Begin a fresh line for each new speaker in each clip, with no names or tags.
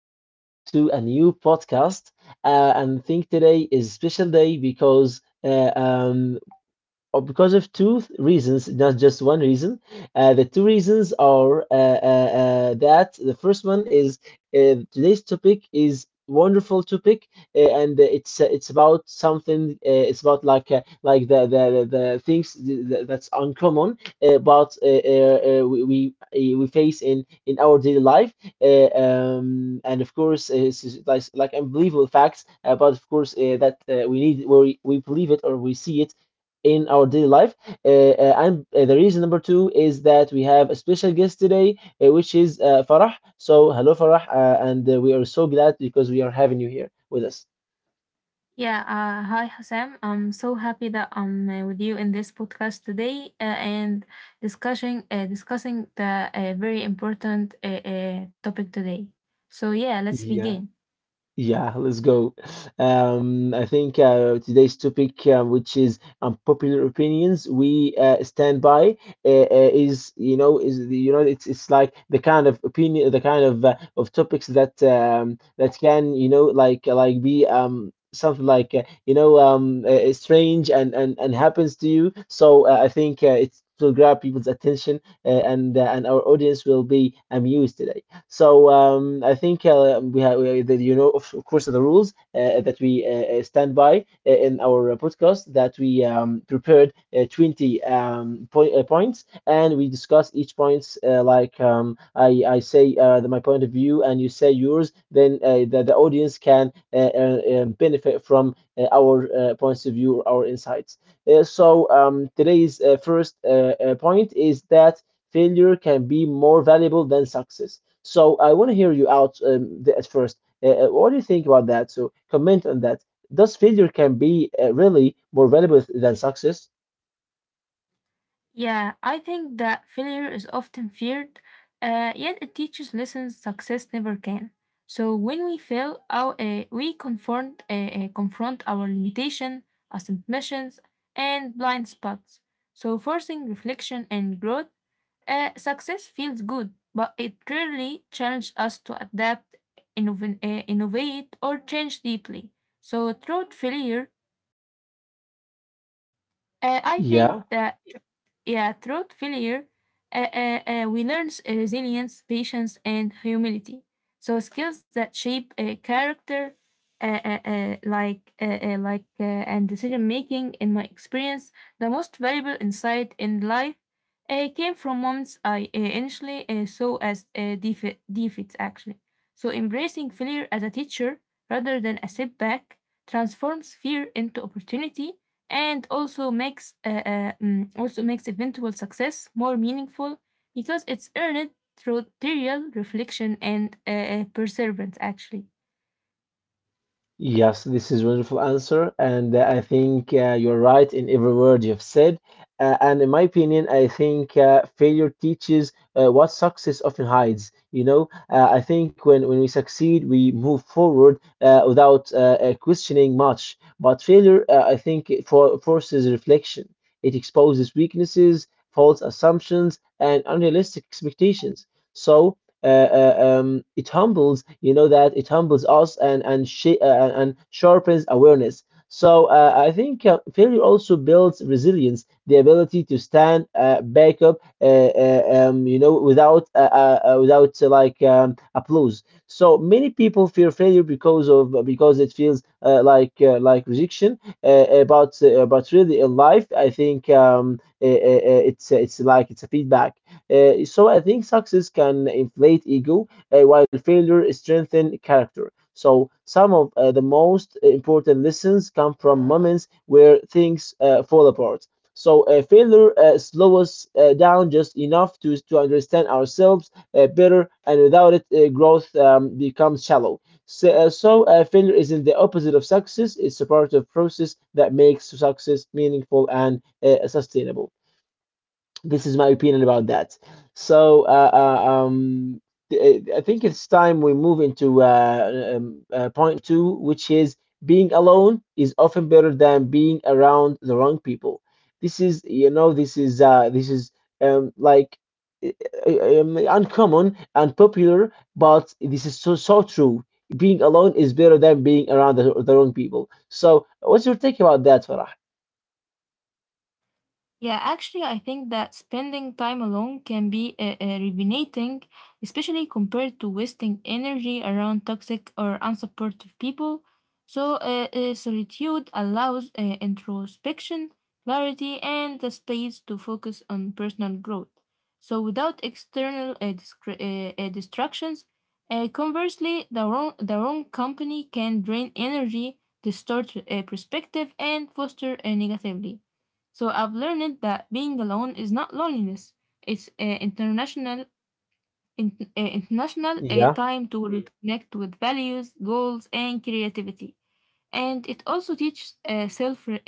welcome back to a new podcast. And think today is special day because of two reasons, not just one reason. The two reasons are that the first one is today's topic is wonderful topic, and it's about something, it's about like the things that's uncommon, but we face in our daily life. And of course it's just like unbelievable facts, but of course that we need, or we believe it or we see it in our daily life. And The reason number two is that we have a special guest today, which is Farah. So, hello, Farah, and we are so glad because we are having you here with us.
Yeah, hi Hassan. I'm so happy that I'm with you in this podcast today and discussing the very important topic today. So yeah, let's begin.
Yeah, let's go. I think today's topic, which is unpopular opinions, we stand by, is, you know, you know, it's like the kind of opinion, the kind of of topics that that can, you know, like be something like, you know, strange and and happens to you. So I think it's will grab people's attention, and our audience will be amused today. So I think that you know of course the rules that we stand by in our podcast, that we prepared 20 po points, and we discuss each points, I say my point of view and you say yours, then the audience can benefit from our points of view or our insights. Today's first point is that failure can be more valuable than success, so I want to hear you out at first. What do you think about that? So comment on that. Does failure can be really more valuable than success?
Yeah, I think that failure is often feared, yet it teaches lessons success never can. So when we fail, we confront our limitation, assumptions, and blind spots. So forcing reflection and growth, success feels good, but it rarely challenges us to adapt, innovate, or change deeply. So through failure, I think
Yeah.
that yeah, through failure, we learn resilience, patience, and humility. So skills that shape character, and decision making. In my experience, the most valuable insight in life came from moments I initially saw as defeats. Actually, so embracing failure as a teacher rather than a setback transforms fear into opportunity and also makes eventual success more meaningful because it's earned through real reflection and perseverance actually.
Yes, this is wonderful answer, and I think you're right in every word you've said. And in my opinion, I think failure teaches what success often hides. You know, I think when we succeed, we move forward without questioning much. But failure, I think, forces reflection. It exposes weaknesses, false assumptions, and unrealistic expectations. So it humbles, you know, that it humbles us and and sharpens awareness. So I think failure also builds resilience, the ability to stand back up you know, without applause. So many people fear failure because of because it feels like rejection, about but really in life I think it's like it's a feedback. So I think success can inflate ego, while failure strengthen character. So some of the most important lessons come from moments where things fall apart. So failure slows us down just enough to understand ourselves better, and without it, growth becomes shallow. So failure isn't the opposite of success; it's a part of process that makes success meaningful and sustainable. This is my opinion about that. So uh, uh, um, I think it's time we move into point two, which is being alone is often better than being around the wrong people. This is, you know, this is like uh, uncommon and popular, but this is so true. Being alone is better than being around the wrong people. So, what's your take about that, Farah?
Yeah, actually, I think that spending time alone can be rejuvenating, especially compared to wasting energy around toxic or unsupportive people. So, solitude allows introspection, clarity, and the space to focus on personal growth. So, without external distractions, conversely, the wrong company can drain energy, distort perspective, and foster negativity. So I've learned that being alone is not loneliness. It's international a
Yeah,
time to reconnect with values, goals, and creativity, and it also teaches self uh, uh,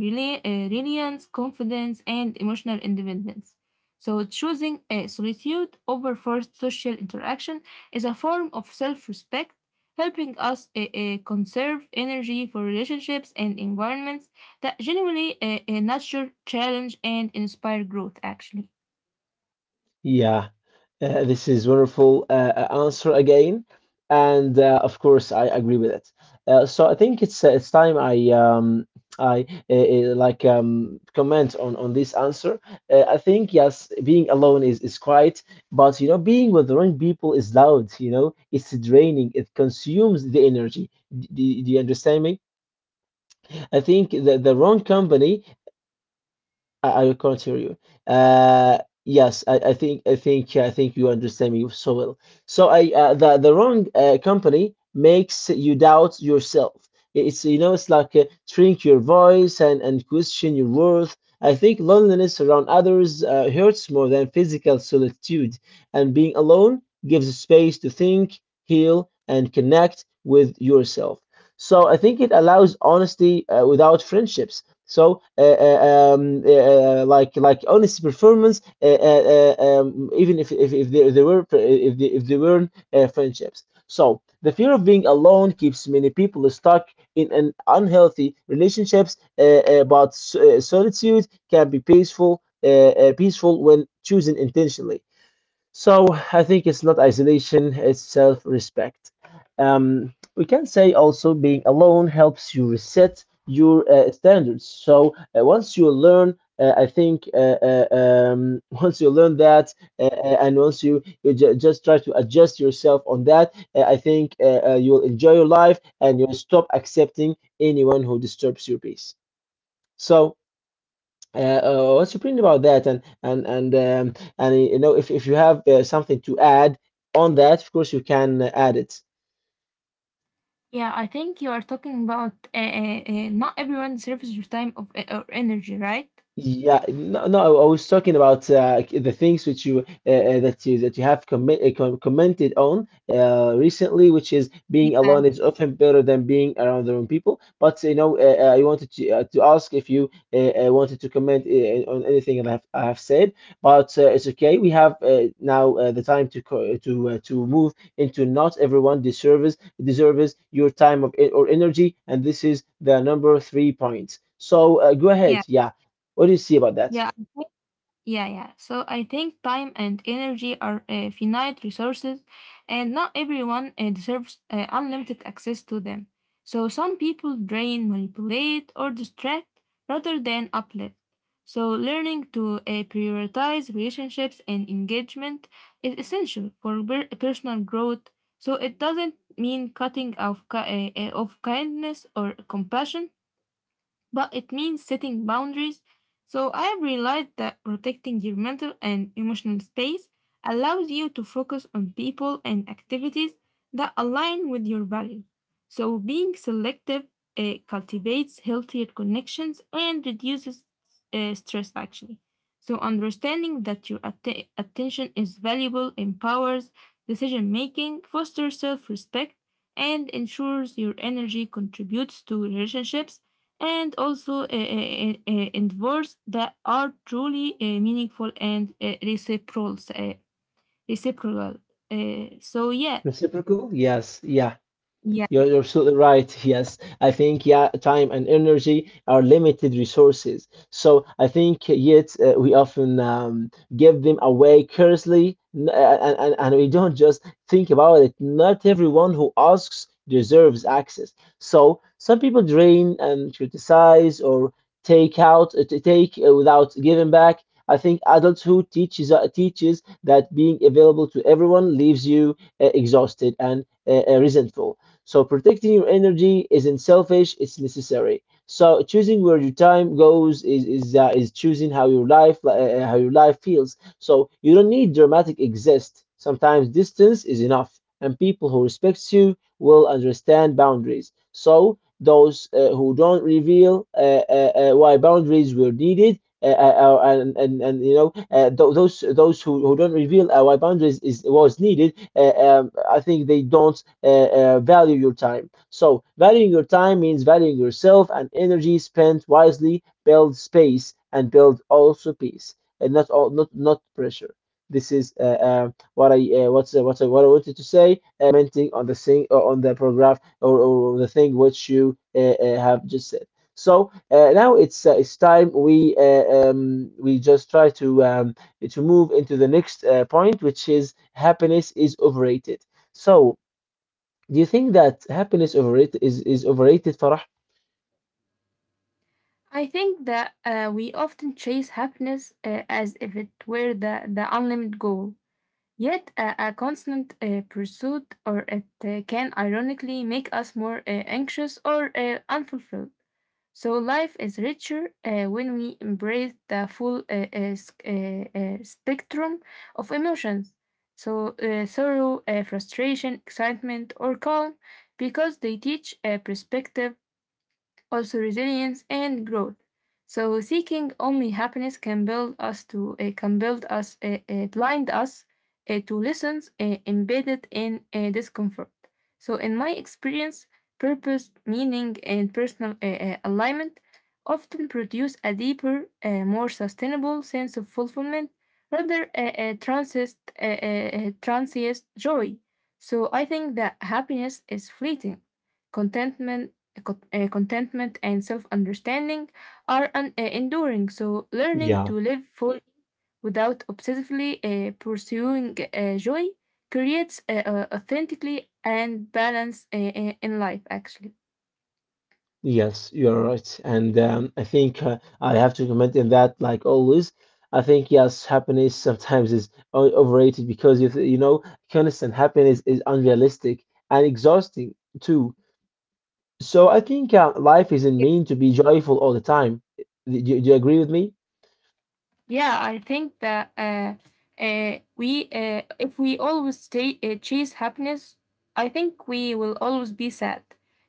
rela- uh, reliance, confidence, and emotional independence. So, choosing solitude over forced social interaction is a form of self respect, helping us conserve energy for relationships and environments that genuinely nurture, challenge, and inspire growth, actually.
yeah. This is wonderful answer again, and of course I agree with it. So I think it's time I comment on this answer. I think yes, being alone is quiet, but you know being with the wrong people is loud. You know it's draining. It consumes the energy. Do, do you understand me? I think the wrong company, I can't hear you. Uh, yes, I think yeah, I think you understand me so well. So I the wrong company makes you doubt yourself. It's, you know, it's like shrink your voice and question your worth. I think loneliness around others hurts more than physical solitude, and being alone gives space to think, heal, and connect with yourself. So I think it allows honesty without friendships. So, like honest performance, even if they weren't friendships. So the fear of being alone keeps many people stuck in an unhealthy relationships. Solitude can be peaceful, peaceful when chosen intentionally. So I think it's not isolation, it's self respect. We can say also being alone helps you reset your standards. So once you learn, I think once you learn that, and once you, you ju- just try to adjust yourself on that, I think you'll enjoy your life and you'll stop accepting anyone who disturbs your peace. So what's your opinion about that? And you know, if you have something to add on that, of course you can add it.
Yeah, I think you are talking about not everyone deserves your time of, or energy, right?
Yeah, no, no. I was talking about the things which you that you have commented on recently, which is being
Yeah,
alone is often better than being around the wrong people. But you know, I wanted to ask if you wanted to comment on anything that I have said. But it's okay. We have now the time to co to move into not everyone deserves your time of or energy, and this is the number three point. So go ahead.
yeah,
Yeah. What do you see about that?
yeah. Yeah, yeah. So I think time and energy are finite resources, and not everyone deserves unlimited access to them. So some people drain, manipulate, or distract rather than uplift. So learning to prioritize relationships and engagement is essential for personal growth. So it doesn't mean cutting off ki- of kindness or compassion, but it means setting boundaries. So I have realized that protecting your mental and emotional space allows you to focus on people and activities that align with your values. So being selective cultivates healthier connections and reduces stress actually. So understanding that your attention is valuable empowers decision making, fosters self-respect, and ensures your energy contributes to relationships and also endeavors that are truly meaningful and reciprocal. Reciprocal. So yeah,
Reciprocal? Yes. Yeah.
yeah.
You're absolutely right. Yes, I think yeah, time and energy are limited resources. So I think yet we often give them away carelessly, and we don't just think about it. Not everyone who asks deserves access. So some people drain and criticize, or take out t- take without giving back. I think adulthood teaches that being available to everyone leaves you exhausted and resentful. So protecting your energy isn't selfish, it's necessary. So choosing where your time goes is choosing how your life feels. So you don't need dramatic exist. Sometimes distance is enough, and people who respect you will understand boundaries. So those who don't reveal why boundaries were needed, and you know, those who don't reveal why boundaries is was needed, I think they don't value your time. So valuing your time means valuing yourself, and energy spent wisely build space and build also peace, and not not pressure. This is what I what's what I wanted to say, commenting on the thing on the paragraph or the thing which you have just said. So now it's time we just try to move into the next point, which is happiness is overrated. So, do you think that happiness overrated is overrated, Farah?
I think that we often chase happiness as if it were the unlimited goal. Yet, a constant pursuit or it can ironically make us more anxious or unfulfilled. So life is richer when we embrace the full spectrum of emotions. So sorrow, frustration, excitement, or calm, because they teach a perspective, also resilience and growth. So seeking only happiness can build us blind us to lessons embedded in discomfort. So in my experience, purpose, meaning, and personal alignment often produce a deeper, more sustainable sense of fulfillment rather transient joy. So I think that happiness is fleeting. Contentment contentment and self understanding are enduring. So, learning
Yeah,
to live fully without obsessively pursuing joy creates authentically and balance in life, actually.
yes, you're right. And I think I have to comment in that, like always. I think, yes, happiness sometimes is overrated because, you know, constant happiness is unrealistic and exhausting too. So I think life isn't
Yeah.
meant to be joyful all the time. Do you agree with me?
Yeah, I think that if we always chase happiness, I think we will always be sad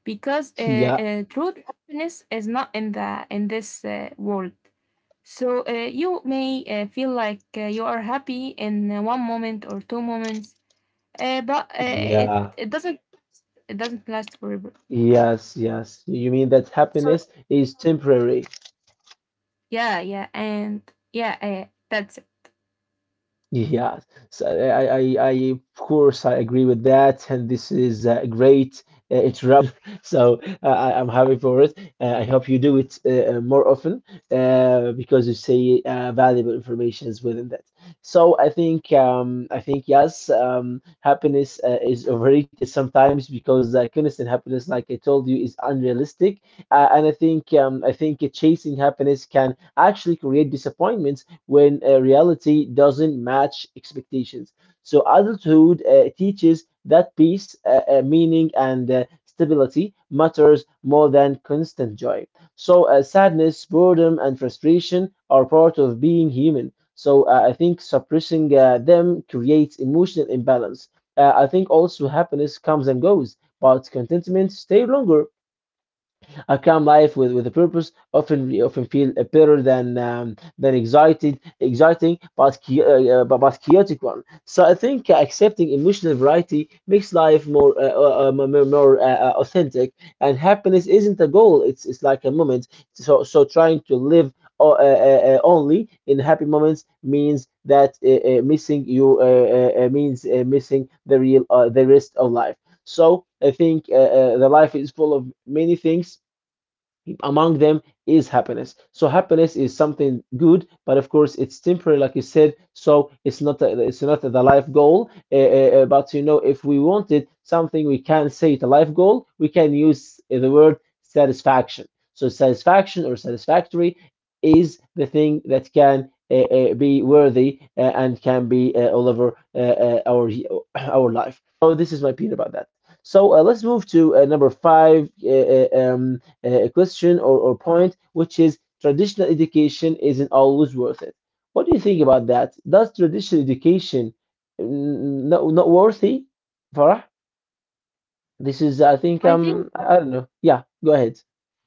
because
Yeah,
true happiness is not in this world. So you may feel like you are happy in one moment or two moments, but it
yeah,
it doesn't it doesn't last forever.
yes, yes. You mean that
So
happiness is temporary?
yeah, yeah, and yeah, that's it.
Yes, so I, of course, I agree with that, and this is a great interruption. So I'm happy for it. I hope you do it more often because you say valuable informations within that. So I think yes, happiness is overrated sometimes because constant happiness, like I told you, is unrealistic, and I think chasing happiness can actually create disappointments when reality doesn't match expectations. So adulthood teaches that peace, meaning, and stability matters more than constant joy. So sadness, boredom, and frustration are part of being human. So I think suppressing them creates emotional imbalance. I think also happiness comes and goes, but contentment stays longer. I come life with a purpose. Often feel better than excited exciting, but but chaotic one. So I think accepting emotional variety makes life more authentic. And happiness isn't a goal; it's like a moment. So trying to live only in happy moments means that missing you means missing the real the rest of life. So I think the life is full of many things among them is happiness. So happiness is something good, but of course it's temporary, like you said. So it's not the life goal. But you know, if we wanted something, we can say it's a life goal. We can use the word satisfaction. So satisfaction or satisfactory is the thing that can. Be worthy and can be all over our life. So this is my opinion about that. So let's move to number five. A question or point, which is traditional education isn't always worth it. What do you think about that? Does traditional education not, not worthy, Farah? This is, I think,
I think
I don't know. Yeah, go ahead.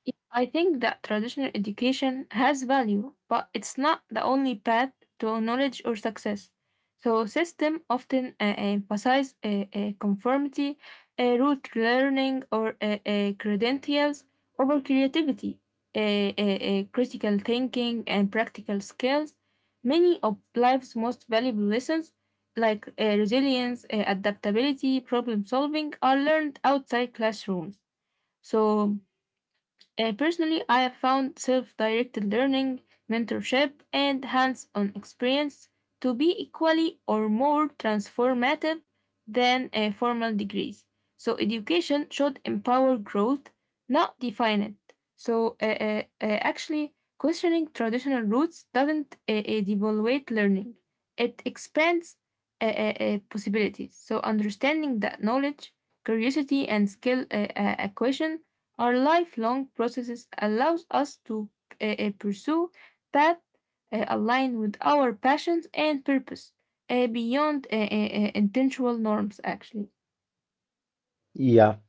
Yeah, I think that traditional education has value, but it's not the only path to knowledge or success. So system often emphasize conformity, rote learning, or credentials over creativity, critical thinking, and practical skills. Many of life's most valuable lessons, like resilience, adaptability, problem solving, are learned outside classrooms. So personally, I have found self directed learning, mentorship, and hands on experience to be equally or more transformative than formal degrees. So, education should empower growth, not define it. So, actually, questioning traditional roots doesn't devaluate learning, it expands possibilities. So, understanding that knowledge, curiosity, and skill acquisition our lifelong processes allows us to pursue paths aligned with our passions and purpose beyond intentional norms, actually.
Yeah.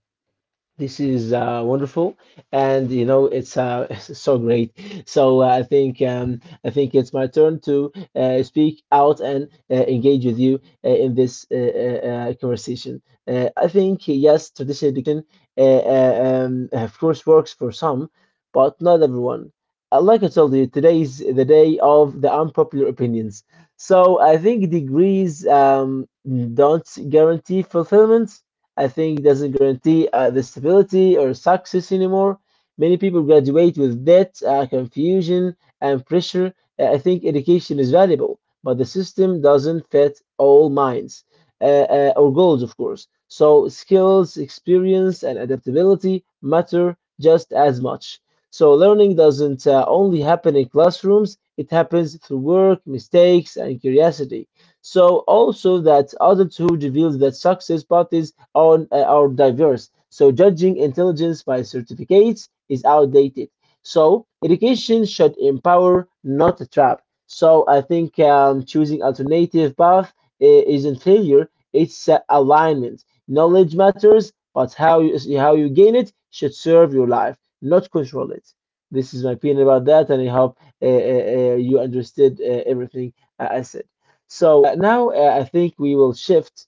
This is wonderful, and you know it's it's so great. So I think it's my turn to speak out and engage with you in this conversation. I think yes, traditional education, of course, works for some, but not everyone. Like I told you, today is the day of the unpopular opinions. So I think degrees don't guarantee fulfillment. I think doesn't guarantee the stability or success anymore. Many people graduate with debt, confusion, and pressure. I think education is valuable, but the system doesn't fit all minds or goals, of course. So skills, experience, and adaptability matter just as much. So learning doesn't only happen in classrooms; it happens through work, mistakes, and curiosity. So also that adulthood reveals that success path is on are diverse. So judging intelligence by certificates is outdated. So education should empower, not trap. So I think choosing alternative path isn't failure; it's alignment. Knowledge matters, but how you gain it should serve your life, not control it. This is my opinion about that, and I hope you understood everything I said. So now I think we will shift.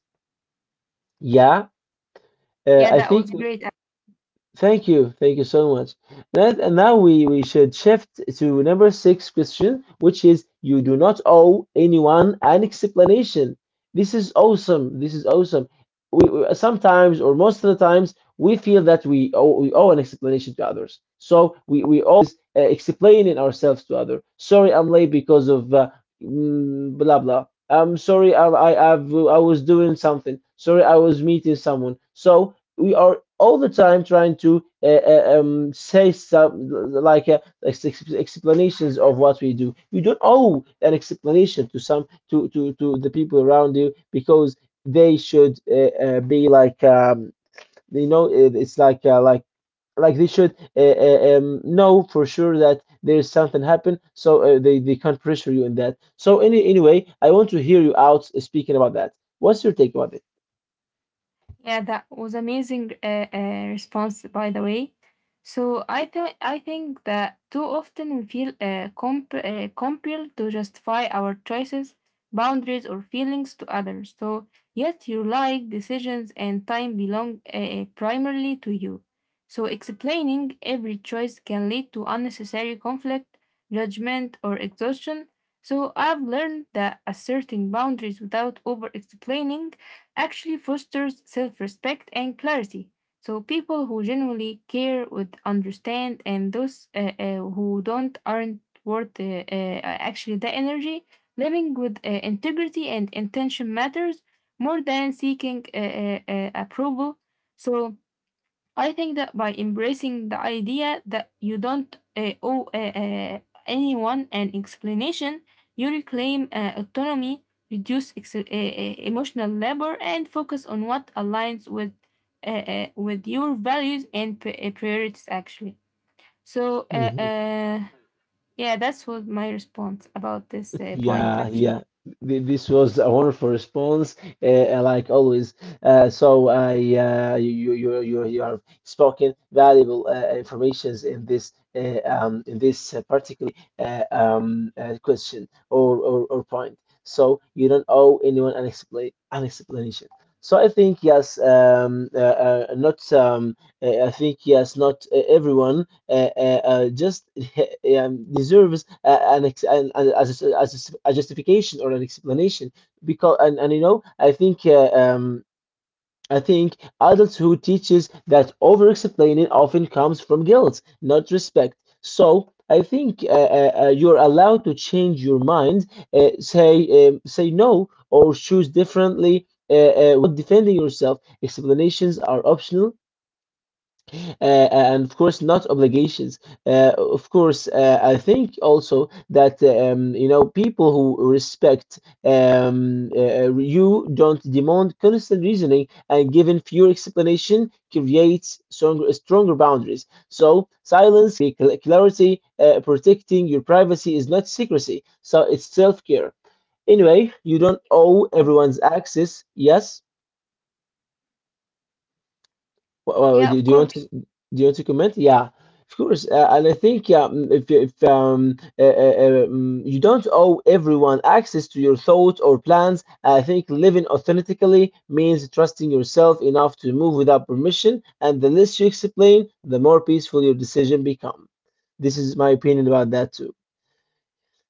Yeah,
Yeah,
I
that was
think
great.
thank you, thank you so much. That, and now we should shift to number six question, which is you do not owe anyone an explanation. This is awesome. This is awesome. We- sometimes or most of the times we feel that we owe an explanation to others. So we always explaining ourselves to others. Sorry, I'm late because of blah blah. I'm sorry, I, I was doing something. Sorry, I was meeting someone. So we are all the time trying to say some like explanations of what we do. You don't owe an explanation to some to the people around you because they should be like you know it, it's like like they should know for sure that there is something happen, so they can't pressure you in that. So anyway, I want to hear you out speaking about that. What's your take about it?
Yeah, that was amazing response, by the way. So I think that too often we feel compelled to justify our choices, boundaries, or feelings to others. So yet your life decisions and time belong primarily to you. So explaining every choice can lead to unnecessary conflict, judgment, or exhaustion. So I've learned that asserting boundaries without over explaining actually fosters self respect and clarity. So people who genuinely care would understand, and those who don't aren't worth actually the energy. Living with integrity and intention matters more than seeking approval. So I think that by embracing the idea that you don't owe anyone an explanation, you reclaim autonomy, reduce emotional labor, and focus on what aligns with your values and priorities, actually. So
Mhm.
yeah, that's what my response about this point,
Yeah,
actually.
yeah. Th- This was a wonderful response, like always. So I, you, you, you, you have spoken valuable informations in this particular question or point. So you don't owe anyone an explanation. So I think yes, not I think yes, not everyone just deserves an, ex- an as a justification or an explanation because and you know I think adults who teaches that over explaining often comes from guilt, not respect. So I think you're allowed to change your mind, say no, or choose differently. Without defending yourself, explanations are optional uh, and of course not obligations. Of course, I think also that you know people who respect you don't demand constant reasoning, and given fewer explanation creates stronger boundaries. So silence clarity. Protecting your privacy is not secrecy, so it's self-care. Anyway, you don't owe everyone's access. Yes. Well, well,
Yeah,
do,
of
do you want to
course.
do you want to comment? Yeah, of course. And I think yeah, mm, if mm, you don't owe everyone access to your thoughts or plans. I think living authentically means trusting yourself enough to move without permission. And the less you explain, the more peaceful your decision become. This is my opinion about that too.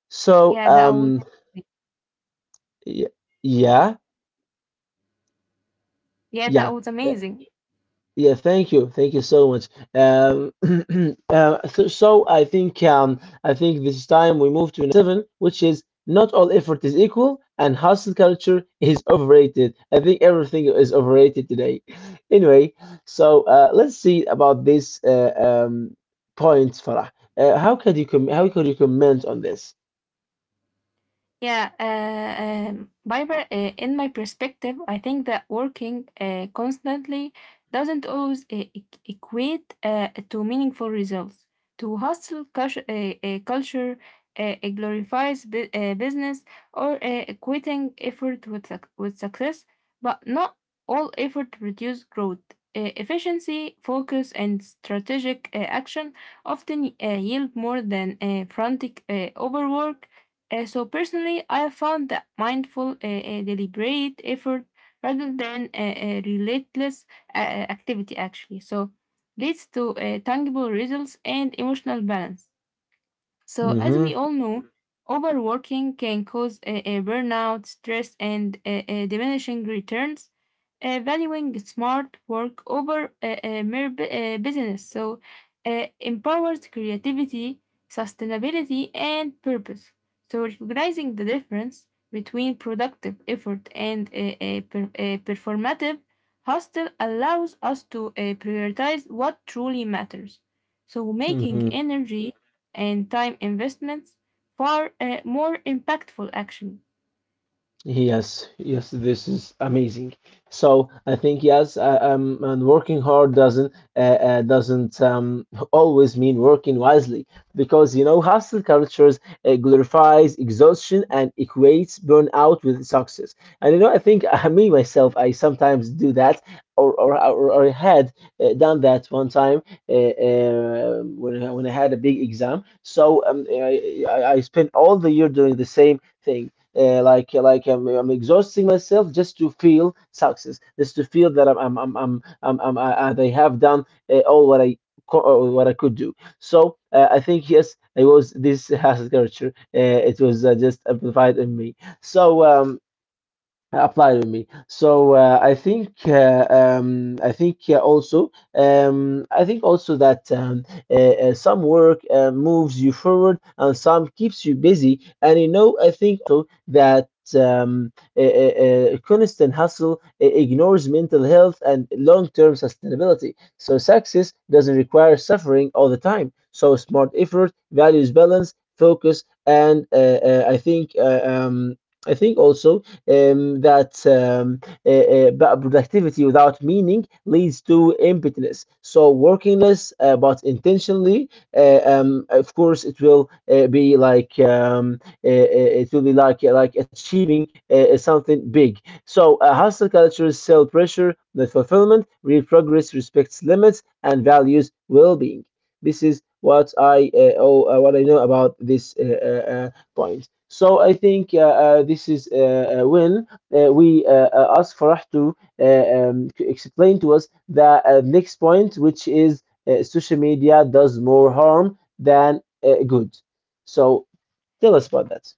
So
Yeah, that would
y- yeah,
yeah
yeah.
that was amazing.
Yeah, thank you so much. Um, so I think this time we move to number seven, which is not all effort is equal, and hustle culture is overrated. I think everything is overrated today. Anyway, so let's see about this point, Farah. How could you how could you comment on this?
Yeah, Biber, in my perspective, I think that working constantly doesn't always equate to meaningful results. To hustle culture, culture it glorifies business or equating effort with success, but not all effort produce growth. Efficiency, focus, and strategic action often yield more than frantic overwork, so personally, I found that mindful, deliberate effort rather than relentless activity actually. So leads to tangible results and emotional balance. So as we
Mm-hmm.
all know, overworking can cause a burnout, stress, and diminishing returns, valuing smart work over mere business. So, empowers creativity, sustainability, and purpose. So, recognizing the difference between productive effort and performative hustle allows us to prioritize what truly matters. So, making
Mm-hmm.
energy and time investments far more impactful action.
Yes, yes, this is amazing. So I think yes, and working hard doesn't always mean working wisely, because you know hustle cultures glorifies exhaustion and equates burnout with success. And you know I think me myself I sometimes do that or I had done that one time when when I had a big exam. So I spent all the year doing the same thing like I'm, exhausting myself just to feel success, just to feel that I have done all what I what I could do. So I think yes, it was this has culture. It was just amplified in me. So apply to me. So I think also I think also that uh, some work moves you forward and some keeps you busy. And you know I think also that, constant hustle ignores mental health and long-term sustainability. So success doesn't require suffering all the time. So smart effort values balance, focus, and I think also that uh, uh, productivity without meaning leads to emptiness. So working less but intentionally, of course, it will be like it will be like achieving something big. So a hustle culture, sell pressure, not fulfillment, real progress respects limits and values well-being. This is what I what I know about this point. So I think this is when we ask Farah to explain to us the next point, which is social media does more harm than good. So tell us about that.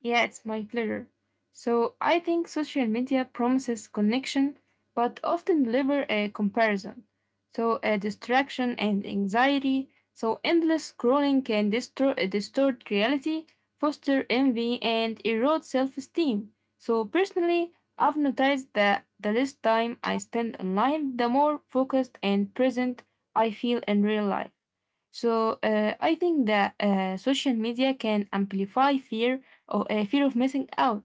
Yeah, it's my pleasure. So I think social media promises connection, but often deliver a comparison. So a distraction and anxiety. So endless scrolling can distort reality, foster envy, and erode self-esteem. So personally, I've noticed that the less time I spend online, the more focused and present I feel in real life. So I think that social media can amplify fear or fear of missing out,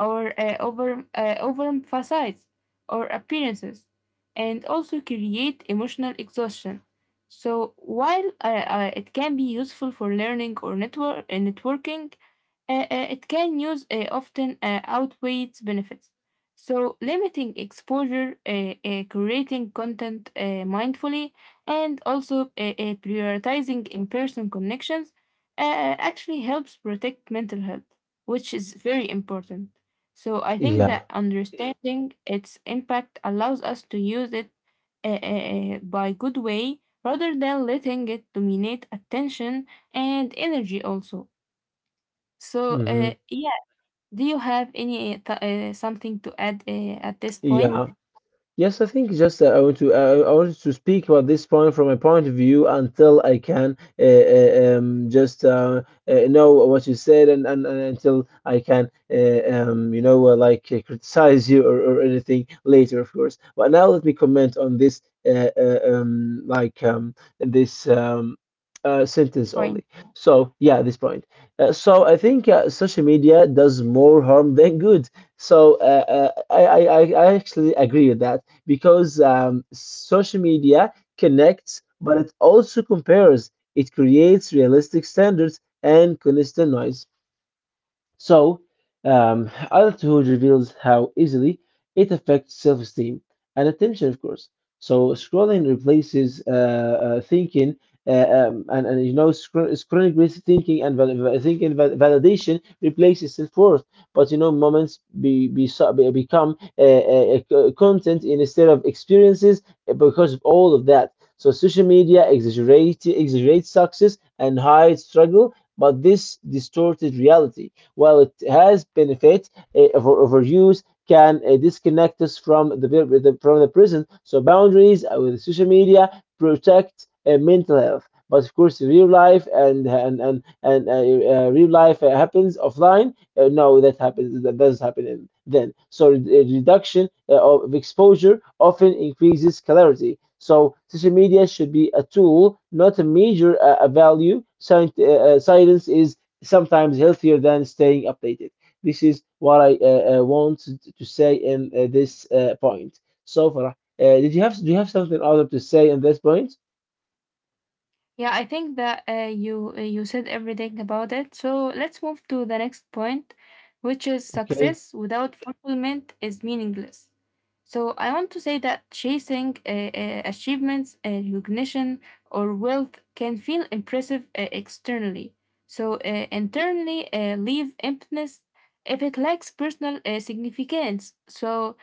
or overemphasize or appearances, and also create emotional exhaustion. So while it can be useful for learning or networking, it can use often outweighs benefits. So, limiting exposure, creating content mindfully, and also prioritizing in person connections actually helps protect mental health, which is very important. So, I think
Yeah.
that understanding its impact allows us to use it by good way rather than letting it dominate attention and energy also. So,
Hmm.
yeah, do you have any something to add at this point?
Yeah. Yes, I think just I wanted to speak about this point from a point of view until I can just know what you said, and until I can you know criticize you or anything later, of course. But now let me comment on this uh, uh, um, like um, this um, sentence
Point.
only. So yeah, this point. So I think social media does more harm than good. So I actually agree with that because social media connects, but it also compares. It creates realistic standards and constant noise. So, Adulthood reveals how easily it affects self esteem and attention, of course. So, scrolling replaces thinking. Uh, and you know scr- Scrolling replaces thinking and validation replaces self-worth, but moments be, so- be become content instead of experiences because of all of that. So social media exaggerates success and hides struggle. But this distorted reality, while it has benefits, uh, overuse can disconnect us from the present. So boundaries with social media protect mental health. But of course, real life and real life happens offline. No, that happens. That doesn't happen then. So reduction of exposure often increases clarity. So social media should be a tool, not a value. Science is sometimes healthier than staying updated. This is what I wanted to say in this point. So Farah, did you have do you have something other to say in this point?
Yeah, I think that you said everything about it. So let's move to the next point, which is
Okay.
success without fulfillment is meaningless. So I want to say that chasing achievements, recognition, or wealth can feel impressive externally. So internally, leave emptiness if it lacks personal significance. So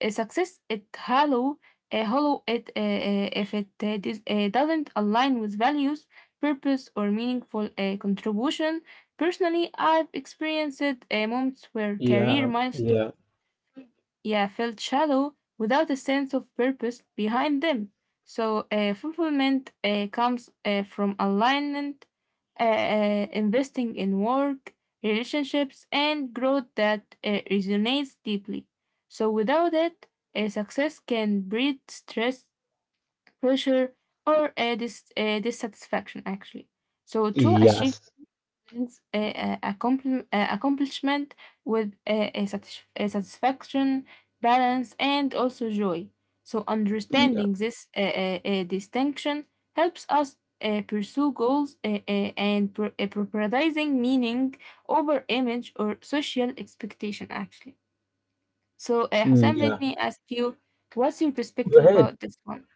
success it hollow, hollow it if it doesn't align with values, purpose, or meaningful contribution. Personally, I've experienced moments where career
Yeah.
milestones,
Yeah.
yeah, felt shallow without a sense of purpose behind them. So, fulfillment comes from alignment, investing in work, relationships, and growth that resonates deeply. So, without it, success can breed stress, pressure, or dissatisfaction, actually. So, true achievement
Yes.
balance accomplishment with a satisfaction, balance, and also joy. So,
Yeah.
understanding this distinction helps us pursue goals prioritizing meaning over image or social expectation, actually. So,
Mm,
Hussein, let
yeah.
me ask you what's your
Go
perspective
ahead.
about this one?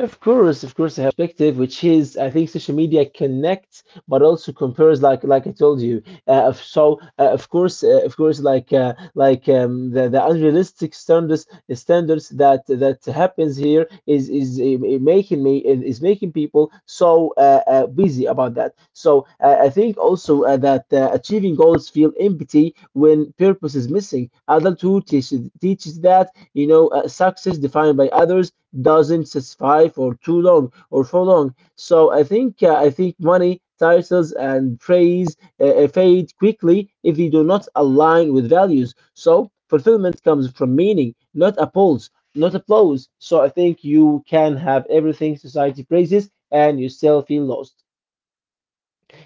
I have perspective, which is I think social media connects, but also compares, like I told you. The unrealistic standards that happens here, is making people busy about that. So I think also that achieving goals feel empty when purpose is missing. Adulthood teaches that, success defined by others doesn't satisfy for too long or for long. So I think money, titles, and praise fade quickly if they do not align with values. So fulfillment comes from meaning, not applause, not applause. So I think you can have everything society praises and you still feel lost.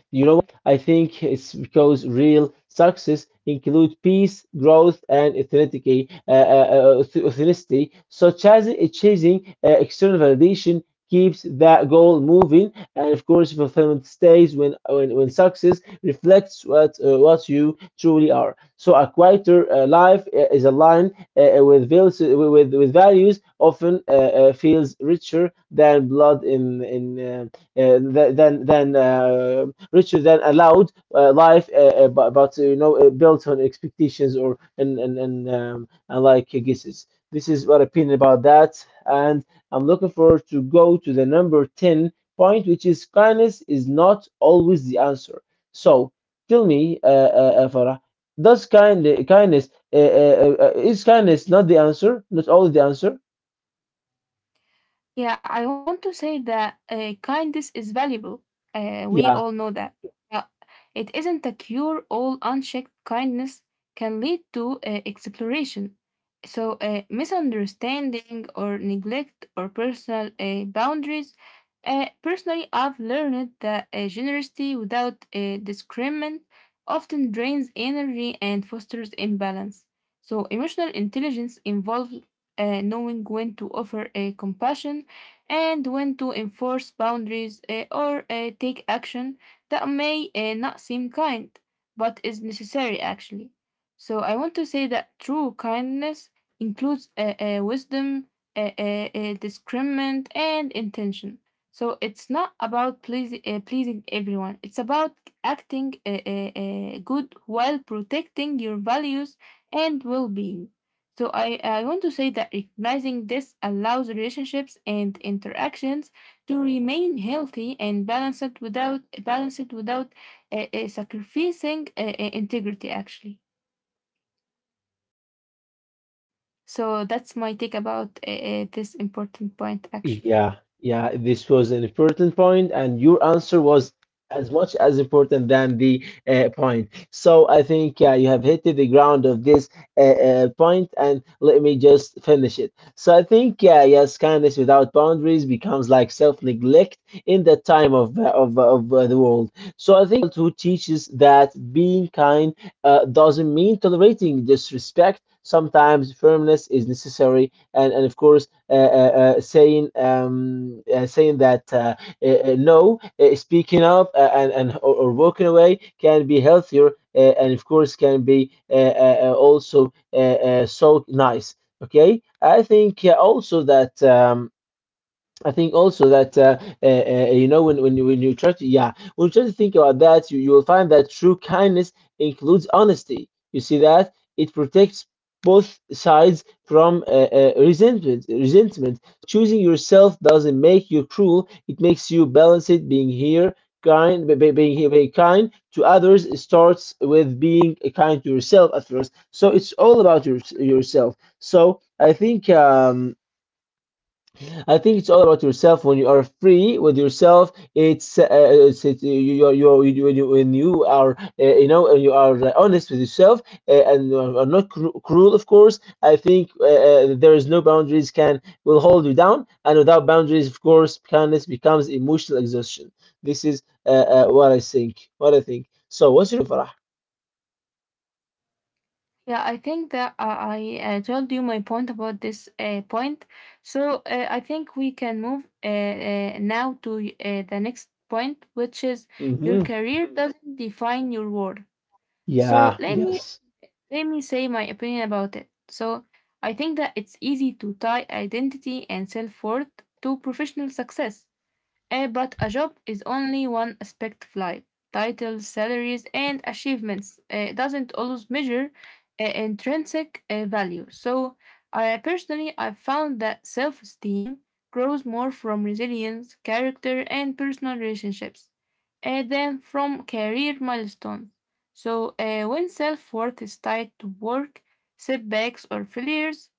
You know what? I think it's because real success include peace, growth, and authenticity, such as achieving external validation keeps that goal moving, and of course, fulfillment stays when success reflects what you truly are. So, a quieter life is aligned with values often feels richer than blood in in. Th- then Richard then allowed life, but built on expectations, or and like guesses. This is what opinion about that, and I'm looking forward to go to the number 10 point, which is kindness is not always the answer. So tell me, Farah, does kind kindness is kindness not the answer? Not always the answer?
Yeah, I want to say that kindness is valuable. We all
Yeah.
know that. But it isn't a cure all unchecked kindness can lead to exploration. So, misunderstanding or neglect or personal boundaries. Personally, I've learned that generosity without discriminant often drains energy and fosters imbalance. So, emotional intelligence involves knowing when to offer a compassion and when to enforce boundaries or take action that may not seem kind, but is necessary actually. So I want to say that true kindness includes wisdom, uh, uh, discernment, and intention. So it's not about pleasing everyone. It's about acting good while protecting your values and well-being. So I want to say that recognizing this allows relationships and interactions to remain healthy and balanced without sacrificing integrity. Actually, so that's my take about this important point. Actually,
Yeah, yeah, this was an important point, and your answer was as much as important than the point. So I think you have hit the ground of this point, and let me just finish it. So I think, yeah, yes, kindness without boundaries becomes like self-neglect in the time of the world. So I think who teaches that being kind doesn't mean tolerating disrespect. Sometimes firmness is necessary, and of course, saying that no, speaking up or walking away can be healthier, and of course can be also so nice. Okay, I think also that. I think also that uh, when when you try to, yeah, when you try to think about that, you will find that true kindness includes honesty. You see that it protects both sides from resentment. Resentment. Choosing yourself doesn't make you cruel. It makes you balanced. Being here kind, be- being here, Being kind to others starts with being kind to yourself at first. So it's all about yourself. So I think. I think it's all about yourself. When you are free with yourself, you, when you are, you are honest with yourself, and you are not cruel, of course. I think there is no boundaries can will hold you down, and without boundaries, of course, kindness becomes emotional exhaustion. This is what I think. What I think. So, what's your, Farah?
yeah, I think that I told you my point about this point. So I think we can move now to the next point, which is your
Mm-hmm.
career doesn't define your worth. So
Yeah. Yes.
let me say my opinion about it. So I think that it's easy to tie identity and self-worth to professional success. But a job is only one aspect of life. Titles, salaries, and achievements doesn't always measure intrinsic value. So, I personally I found that self-esteem grows more from resilience, character, and personal relationships, than from career milestones. So, when self-worth is tied to work setbacks or failures,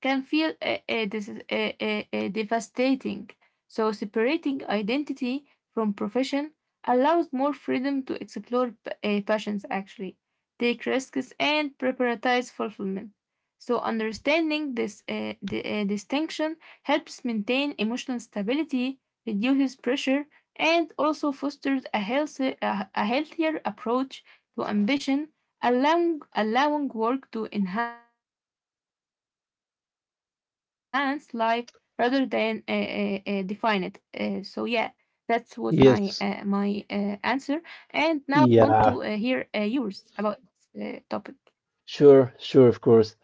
can feel devastating. So, separating identity from profession allows more freedom to explore passions, actually, take risks, and prioritize fulfillment. So, understanding this distinction helps maintain emotional stability, reduces pressure, and also fosters a healthier approach to ambition allowing work to enhance life rather than define it. So yeah, that was my answer.
Yes.
And now I want to hear
Yeah.
yours about this topic.
Sure. Sure. Of course.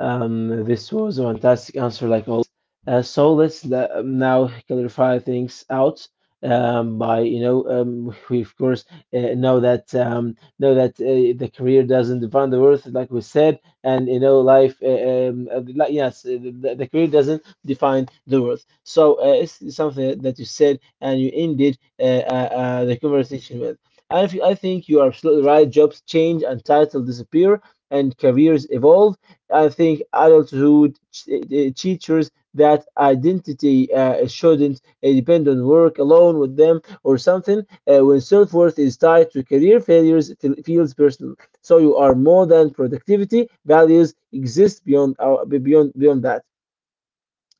This was a fantastic answer, like always. So now clarify things out, by you know we of course know that the career doesn't define the worth, like we said, and life. Like, yes, the career doesn't define the worth. So it's something that you said and you ended the conversation with. I think you are absolutely right. Jobs change and titles disappear and careers evolve. I think adulthood teachers that identity shouldn't depend on work alone with them or something. When self worth is tied to career failures, it feels personal. So you are more than productivity. Values exist beyond our, beyond beyond that.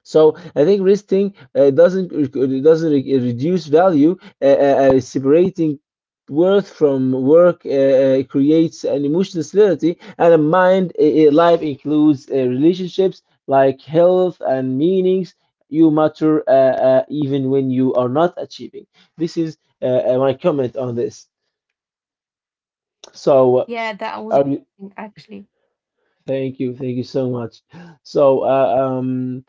So I think listing doesn't it doesn't reduce value. Separating worth from work creates an emotional stability and a mind. Life includes relationships like health and meanings. You matter even when you are not achieving. This is my comment on this. So,
Yeah, that was
are you,
amazing, actually.
thank you so much. So,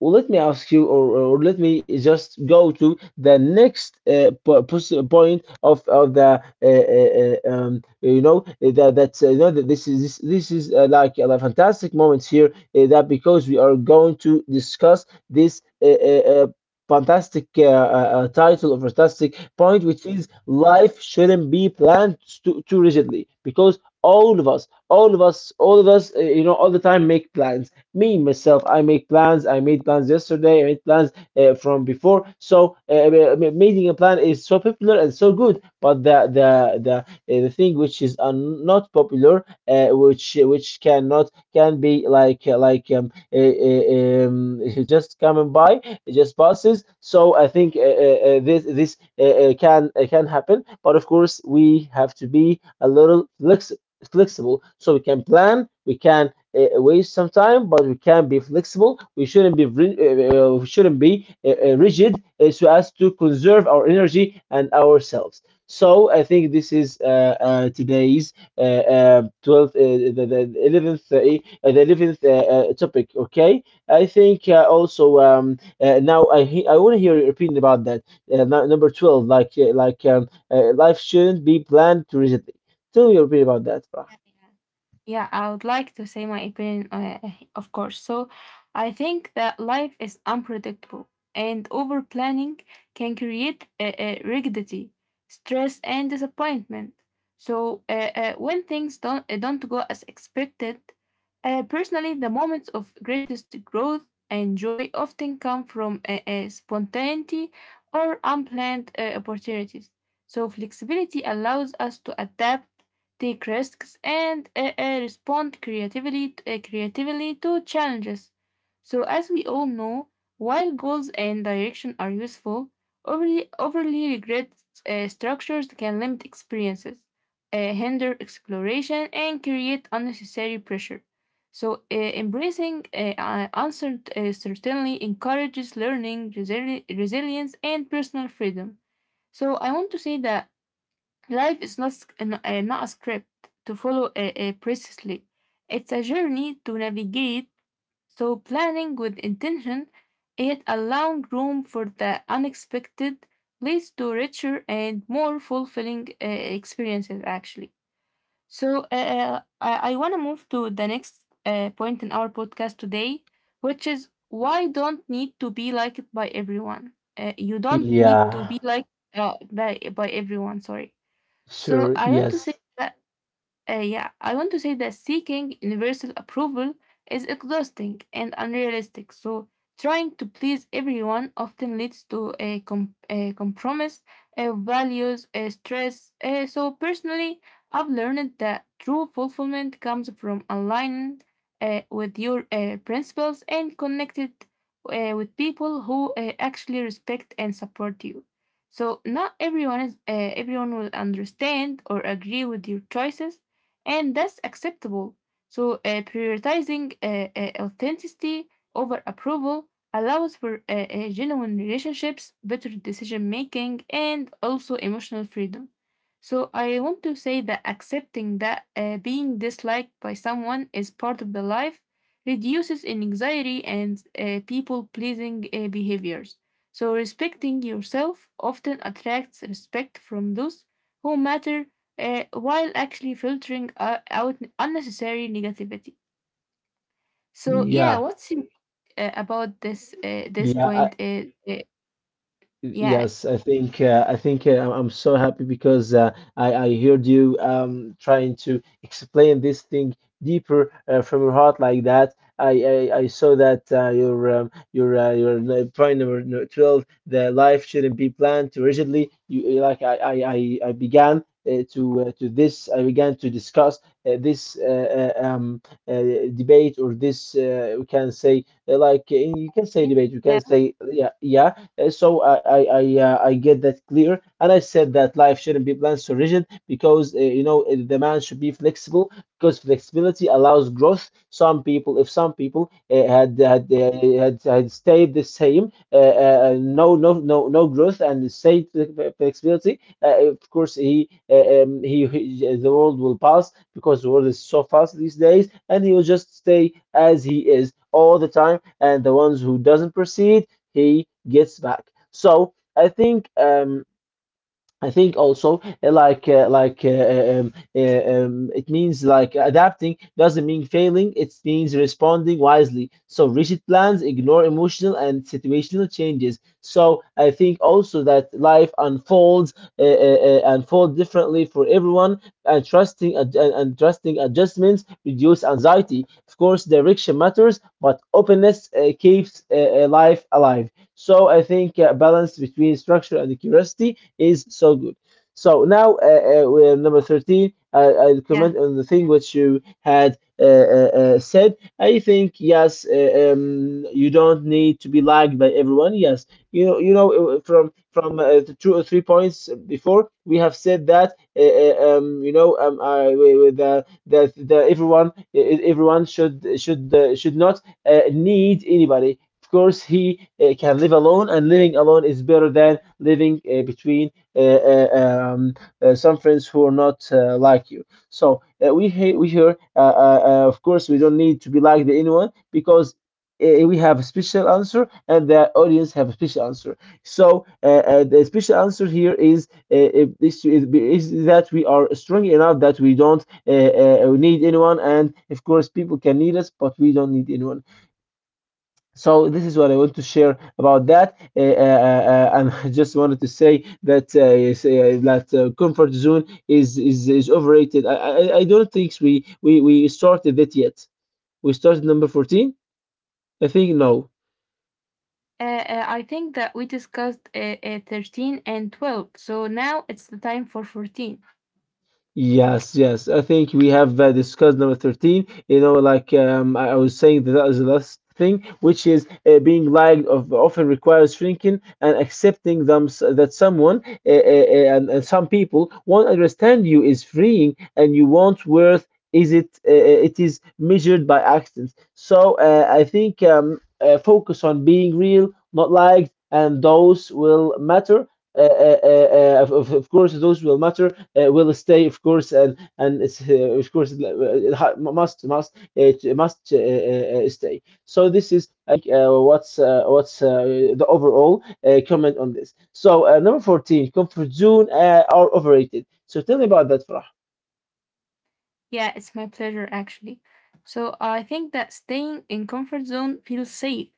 Well, let me ask you, or let me just go to the next point of the that that's you know that this is this is like a fantastic moment here, that because we are going to discuss this fantastic title, or fantastic point, which is life shouldn't be planned too rigidly, because all of us, all the time, make plans. Me myself, I make plans. I made plans yesterday. I made plans from before. So making a plan is so popular and so good, but the thing which is not popular, which cannot can be just coming by. It just passes. So I think this can happen, but of course we have to be a little flexible. So we can plan. We can waste some time, but we can be flexible. We shouldn't be rigid, so as to conserve our energy and ourselves. So I think this is today's 12th, 11th, the 11th topic. Okay, I think also, now I want to hear your opinion about that. Number 12, like, life shouldn't be planned to rigidly. Tell me your opinion about that, Farah.
Yeah, I would like to say my opinion, of course. So, I think that life is unpredictable, and over planning can create rigidity, stress, and disappointment. So, when things don't go as expected, personally, the moments of greatest growth and joy often come from spontaneity or unplanned opportunities. So, flexibility allows us to adapt take risks, and respond creatively to challenges. So, as we all know, while goals and direction are useful, overly rigid structures can limit experiences, hinder exploration, and create unnecessary pressure. So, embracing certainly encourages learning, resilience, and personal freedom. So, I want to say that life is not sc- n- not a script to follow precisely. It's a journey to navigate. So planning with intention, yet allowing room for the unexpected, leads to richer and more fulfilling experiences. Actually, so I want to move to the next point in our podcast today, which is why don't need to be liked by everyone. You don't need to
Yeah,
be liked by by everyone. Sorry. So
sure,
I want to
yes.
say that yeah, I want to say that seeking universal approval is exhausting and unrealistic. So, trying to please everyone often leads to a compromise, values, stress. So, personally, I've learned that true fulfillment comes from aligning with your principles and connected with people who actually respect and support you. So, not everyone is everyone will understand or agree with your choices and that's acceptable. So, prioritizing authenticity over approval allows for genuine relationships, better decision making, and also emotional freedom. So, I want to say that accepting that being disliked by someone is part of the life reduces anxiety and people pleasing behaviors. So, respecting yourself often attracts respect from those who matter while actually filtering out unnecessary negativity. So yeah,
Yeah,
what's your about this this
yeah,
point? Yeah,
yes, I think I'm so happy because I heard you trying to explain this thing deeper from your heart like that. I saw that your n- point number 12, the life shouldn't be planned too rigidly. You like I began to discuss this uh, debate, or this we can say, like, you can say
I-
debate, you
yeah,
can say, yeah, yeah, so I get that clear, and I said that life shouldn't be planned so rigid because the man should be flexible because flexibility allows growth. If some people uh, had had, uh, had stayed the same, no growth and stayed flexibility, of course he the world will pass because the world is so fast these days, and he will just stay as he is all the time. And the ones who doesn't proceed, he gets back. So I think. I think also like it means like adapting doesn't mean failing. It means responding wisely. So rigid plans ignore emotional and situational changes. So I think also that life unfold differently for everyone. And trusting adjustments reduce anxiety. Of course, direction matters, but openness keeps life alive. So I think balance between structure and curiosity is so good. So now we're number 13. I'll
yeah.
comment on the thing which you had said. I think yes, you don't need to be liked by everyone. Yes, you know, from the 2 or 3 points before, we have said that you know, I, we- the everyone everyone should should not need anybody. Of course, he can live alone, and living alone is better than living between uh, uh, um, some friends who are not like you. So we here, of course, we don't need to be like the anyone because we have a special answer and the audience have a special answer. So the special answer here is, is that we are strong enough that we don't need anyone, and of course people can need us, but we don't need anyone. So this is what I want to share about that, and I just wanted to say that that comfort zone is overrated. I don't think we started it yet. We started number 14. I think no.
I think that we discussed 13 and 12. So now it's the time for 14.
Yes, yes. I think we have discussed number 13. You know, like I was saying that that was the last thing, which is being liked of, often requires shrinking and accepting them that someone and some people won't understand you is freeing and you won't worth is it it is measured by actions. So I think focus on being real, not liked, and those will matter. Of course, those will matter will stay, of course, and it's, of course it must it must stay. So this is I think what's the overall comment on this. So number 14, comfort zone are overrated. So tell me about that, Farah.
Yeah, it's my pleasure actually. So I think that staying in comfort zone feels safe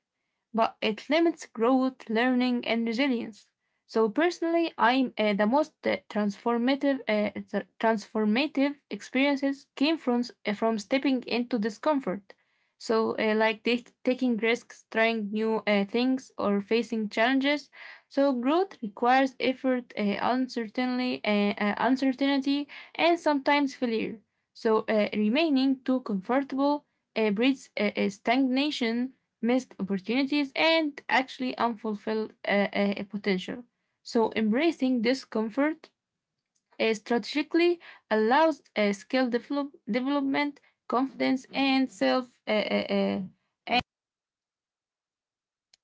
but it limits growth, learning, and resilience. So personally, I'm the most transformative experiences came from stepping into discomfort. So like taking risks, trying new things, or facing challenges. So growth requires effort, uncertainty, and sometimes failure. So remaining too comfortable breeds stagnation missed opportunities, and actually unfulfilled potential. So, embracing discomfort strategically allows skill development, confidence, and self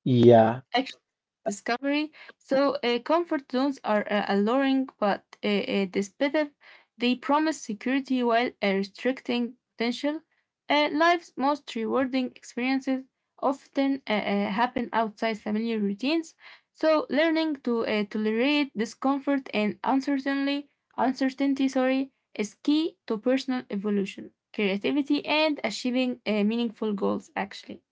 Yeah.
actually discovery. So comfort zones are alluring, but despicable. They promise security while restricting potential. Life's most rewarding experiences often happen outside familiar routines. So learning to tolerate discomfort and uncertainty, sorry, is key to personal evolution, creativity, and achieving meaningful goals. Actually,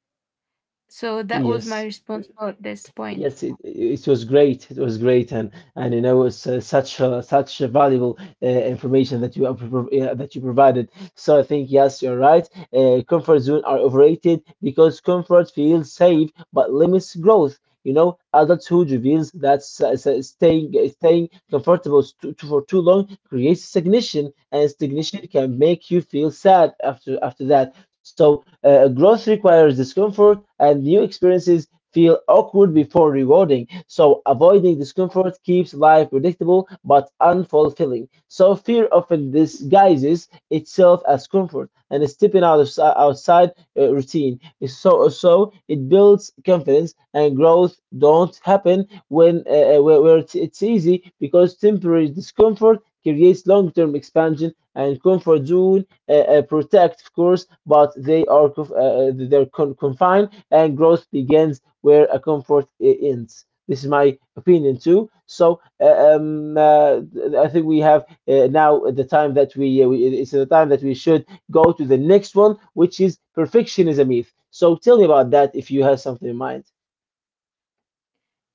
so that was my
Yes.
response about this point.
Yes, it was great. It was great, and you know, it's such a valuable information that you have, yeah, that you provided. So I think yes, you're right. Comfort zone are overrated because comfort feels safe but limits growth. You know, adulthood reveals that staying comfortable for too long creates stagnation, and stagnation can make you feel sad after that. So growth requires discomfort and new experiences feel awkward before rewarding. So avoiding discomfort keeps life predictable but unfulfilling. So fear often disguises itself as comfort and stepping out of outside routine. So so it builds confidence and growth don't happen when where it's easy because temporary discomfort creates long-term expansion and comfort zone protect of course but they're confined and growth begins where a comfort ends. This is my opinion too. So I think we have now the time that we it's the time that we should go to the next one, which is perfectionism myth. So tell me about that if you have something in mind.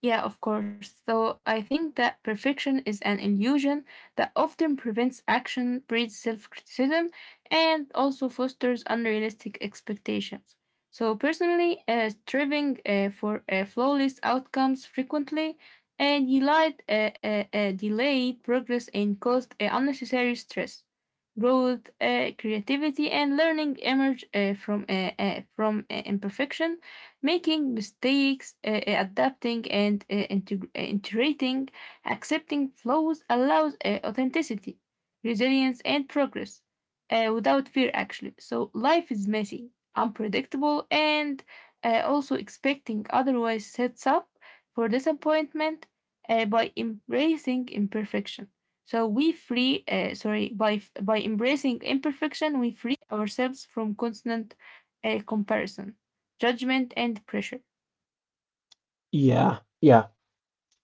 Yeah, of course. So I think that perfection is an illusion that often prevents action, breeds self criticism, and also fosters unrealistic expectations. So, personally, striving for flawless outcomes frequently and delayed, delayed progress and caused unnecessary stress. Growth, creativity, and learning emerge from imperfection making mistakes, adapting and integrating, accepting flaws allows authenticity, resilience, and progress without fear, actually. So life is messy, unpredictable, and also expecting otherwise sets up for disappointment by embracing imperfection. So we free, sorry, by f- by embracing imperfection, we free ourselves from constant comparison judgment and pressure.
Yeah, yeah.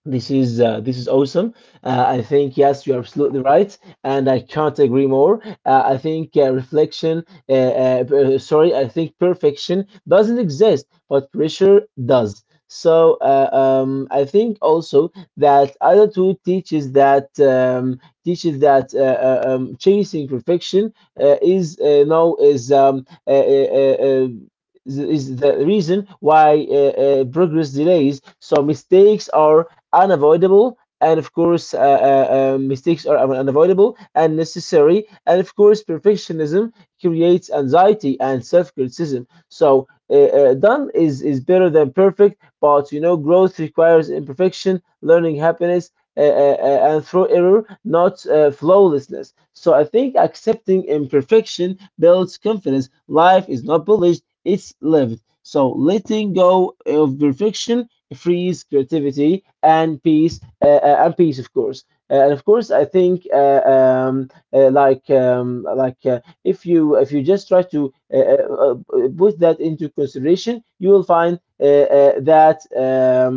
This is awesome. I think yes, you're absolutely right, and I can't agree more. I think sorry, I think perfection doesn't exist, but pressure does. So I think also that adulthood teaches that chasing perfection is now is the reason why progress delays. So mistakes are unavoidable and of course mistakes are unavoidable and necessary and of course perfectionism creates anxiety and self-criticism so done is better than perfect but you know growth requires imperfection learning happiness and through error not flawlessness so I think accepting imperfection builds confidence life is not polished it's lived so letting go of perfection frees creativity and peace of course. And of course I think uh, like um, if you just try to uh, uh, uh, put that into consideration you will find that um,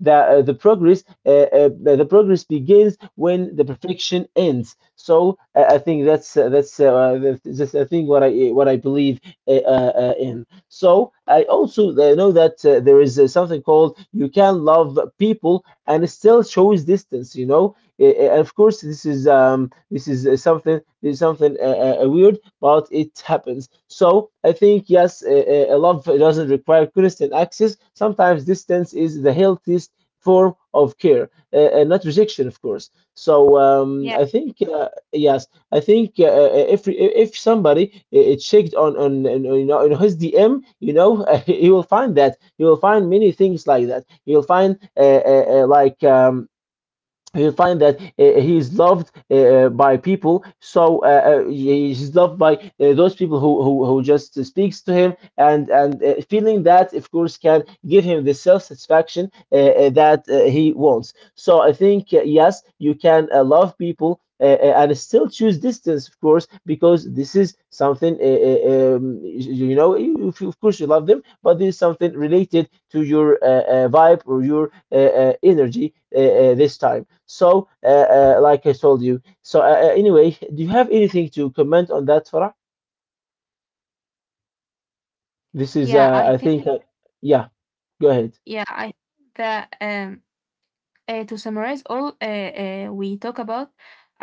the progress begins when the perfection ends. So I think that's I think what I believe in. So I also know that there is something called you can love people and it still shows distance. You know, of course this is something this is something weird, but it happens. So I think yes, a love doesn't require constant access. Sometimes distance is the healthiest form of care, not rejection, of course. So
Yeah.
I think yes, I think if somebody checked on you know in his DM, you know, he will find that he will find many things like that. He will find uh, uh, like. Um, you find that he is loved by people so he is loved by those people who just speaks to him and feeling that of course can give him the self-satisfaction that he wants so I think yes you can love people and still choose distance, of course, because this is something you you know. If you- Of course, you love them, but this is something related to your vibe or your energy this time. So, like I told you. So, anyway, do you have anything to comment on that, Farah? This is,
yeah i
I think,
think
yeah. Go ahead.
yeah I think that to summarize all we talk about,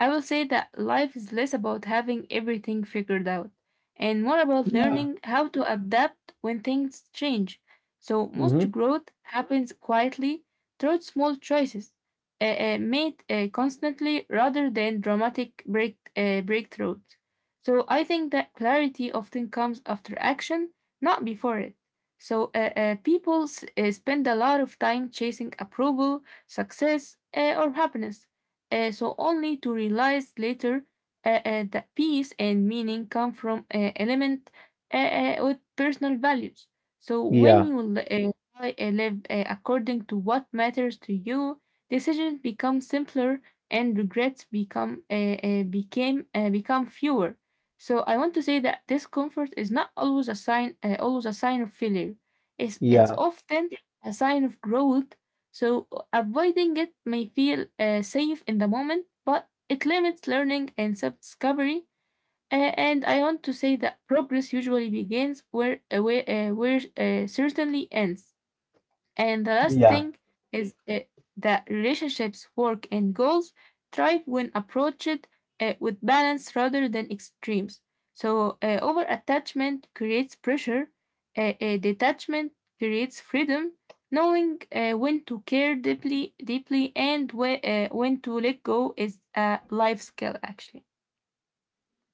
I will say that life is less about having everything figured out and more about
Yeah.
learning how to adapt when things change. So, most
Hmm.
growth happens quietly through small choices made constantly rather than dramatic breakthroughs. So, I think that clarity often comes after action, not before it. So, people spend a lot of time chasing approval success, or happiness. So only to realize later that peace and meaning come from element with personal values. So when
Yeah.
you live according to what matters to you, decisions become simpler and regrets become fewer. So I want to say that discomfort is not always a sign of failure. It's
Yeah.
often a sign of growth so avoiding it may feel safe in the moment, but it limits learning and self discovery. And I want to say that progress usually begins where certainly ends. And the last
Yeah.
thing is that relationships, work, and goals thrive when approached with balance rather than extremes. So, over attachment creates pressure, detachment creates freedom. Knowing when to care deeply, and when to let go is a life skill, actually.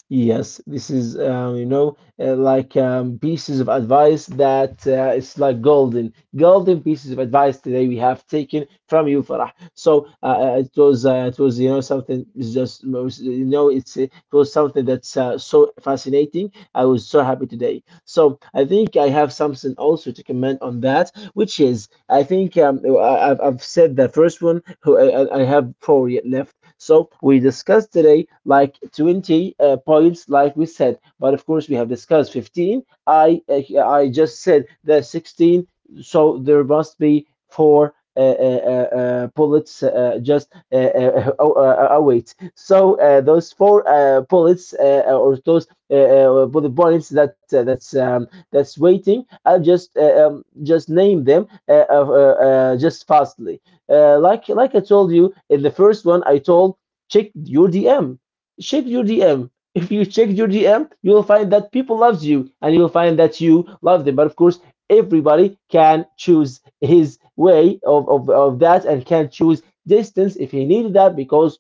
Yes, this is you know pieces of advice that it's like golden, golden pieces of advice today we have taken from you, Farah. So it was you know something it's just you know it's it was something that's so fascinating. I was so happy today. So I think I have something also to comment on that, which is I think I've said the first one. Who I have four yet left. So we discussed today like 20 points, like we said, but of course we have discussed 15. I just said that 16, so there must be four. Bullets await. So those four bullets or those bullet points that that's waiting. I'll just name them just fastly. Like I told you in the first one, I told check your DM, check your DM. If you check your DM, you will find that people loves you, and you will find that you love them. But of course, everybody can choose his way of that and can choose distance if he needed that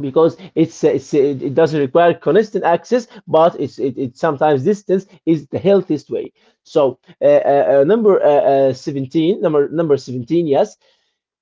because it doesn't require constant access but it sometimes distance is the healthiest way so number 17 yes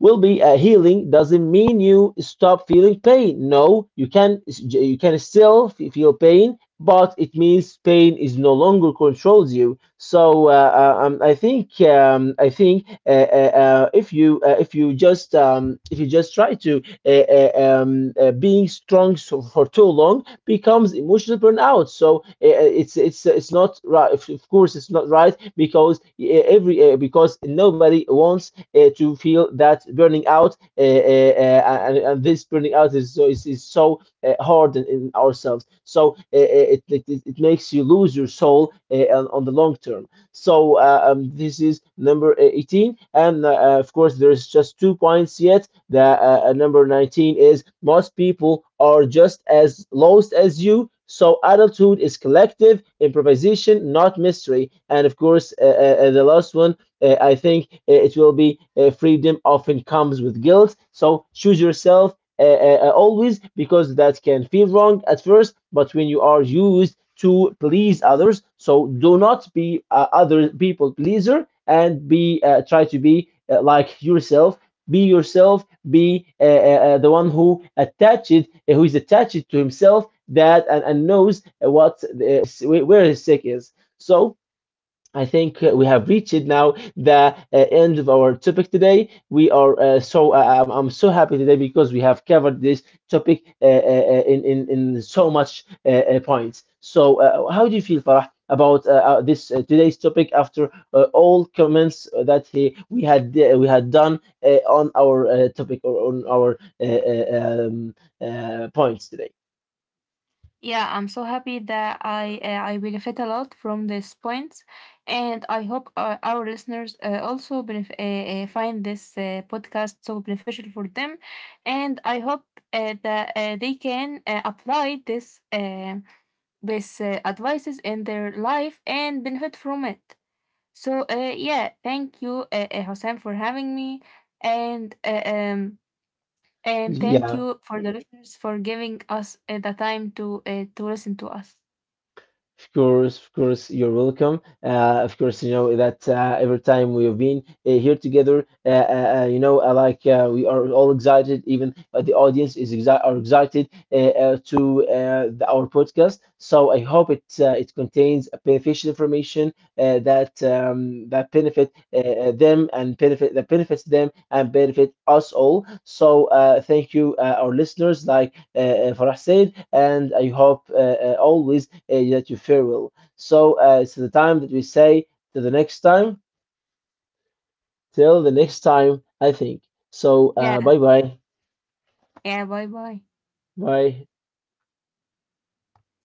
will be a healing doesn't mean you stop feeling pain no you can you can still feel pain but it means pain is no longer controls you so I think I think if you just try to being strong so for too long becomes emotional burnout so it's it's not right of course it's not right because every because nobody wants to feel that burning out, and this burning out is so is so hard in ourselves. So it makes you lose your soul on the long term. So this is number 18, and of course there's just 2 points yet. The number 19 is most people are just as lost as you. So adulthood is collective improvisation, not mystery. And of course, the last one I think it will be freedom often comes with guilt. So choose yourself always because that can feel wrong at first, but when you are used to please others, so do not be other people pleaser and be try to be like yourself. Be yourself. Be the one who attached, who is attached to himself, that and knows what the, where his sick is. So I think we have reached now the end of our topic today. We are I'm so happy today because we have covered this topic in so much points. So how do you feel, Farah, about this today's topic after all comments that we had done on our topic or on our points today?
Yeah, I'm so happy that I benefit a lot from this point, and I hope our listeners also find this podcast so beneficial for them, and I hope that they can apply this advices in their life and benefit from it. So yeah, thank you, Hossein, for having me, and uh, um. And thank
Yeah.
you for the listeners for giving us the time to listen to us.
Of course, you're welcome. Of course, you know that every time we've been here together, you know, we are all excited. Even the audience are excited our podcast. So I hope it it contains beneficial information that benefit them and benefit that benefits them and benefit us all. So thank you, our listeners, like Farah said, and I hope always that you farewell. So it's the time that we say to the next time. Till the next time, I think. So
Yeah,
bye bye.
yeah, bye bye.
Bye.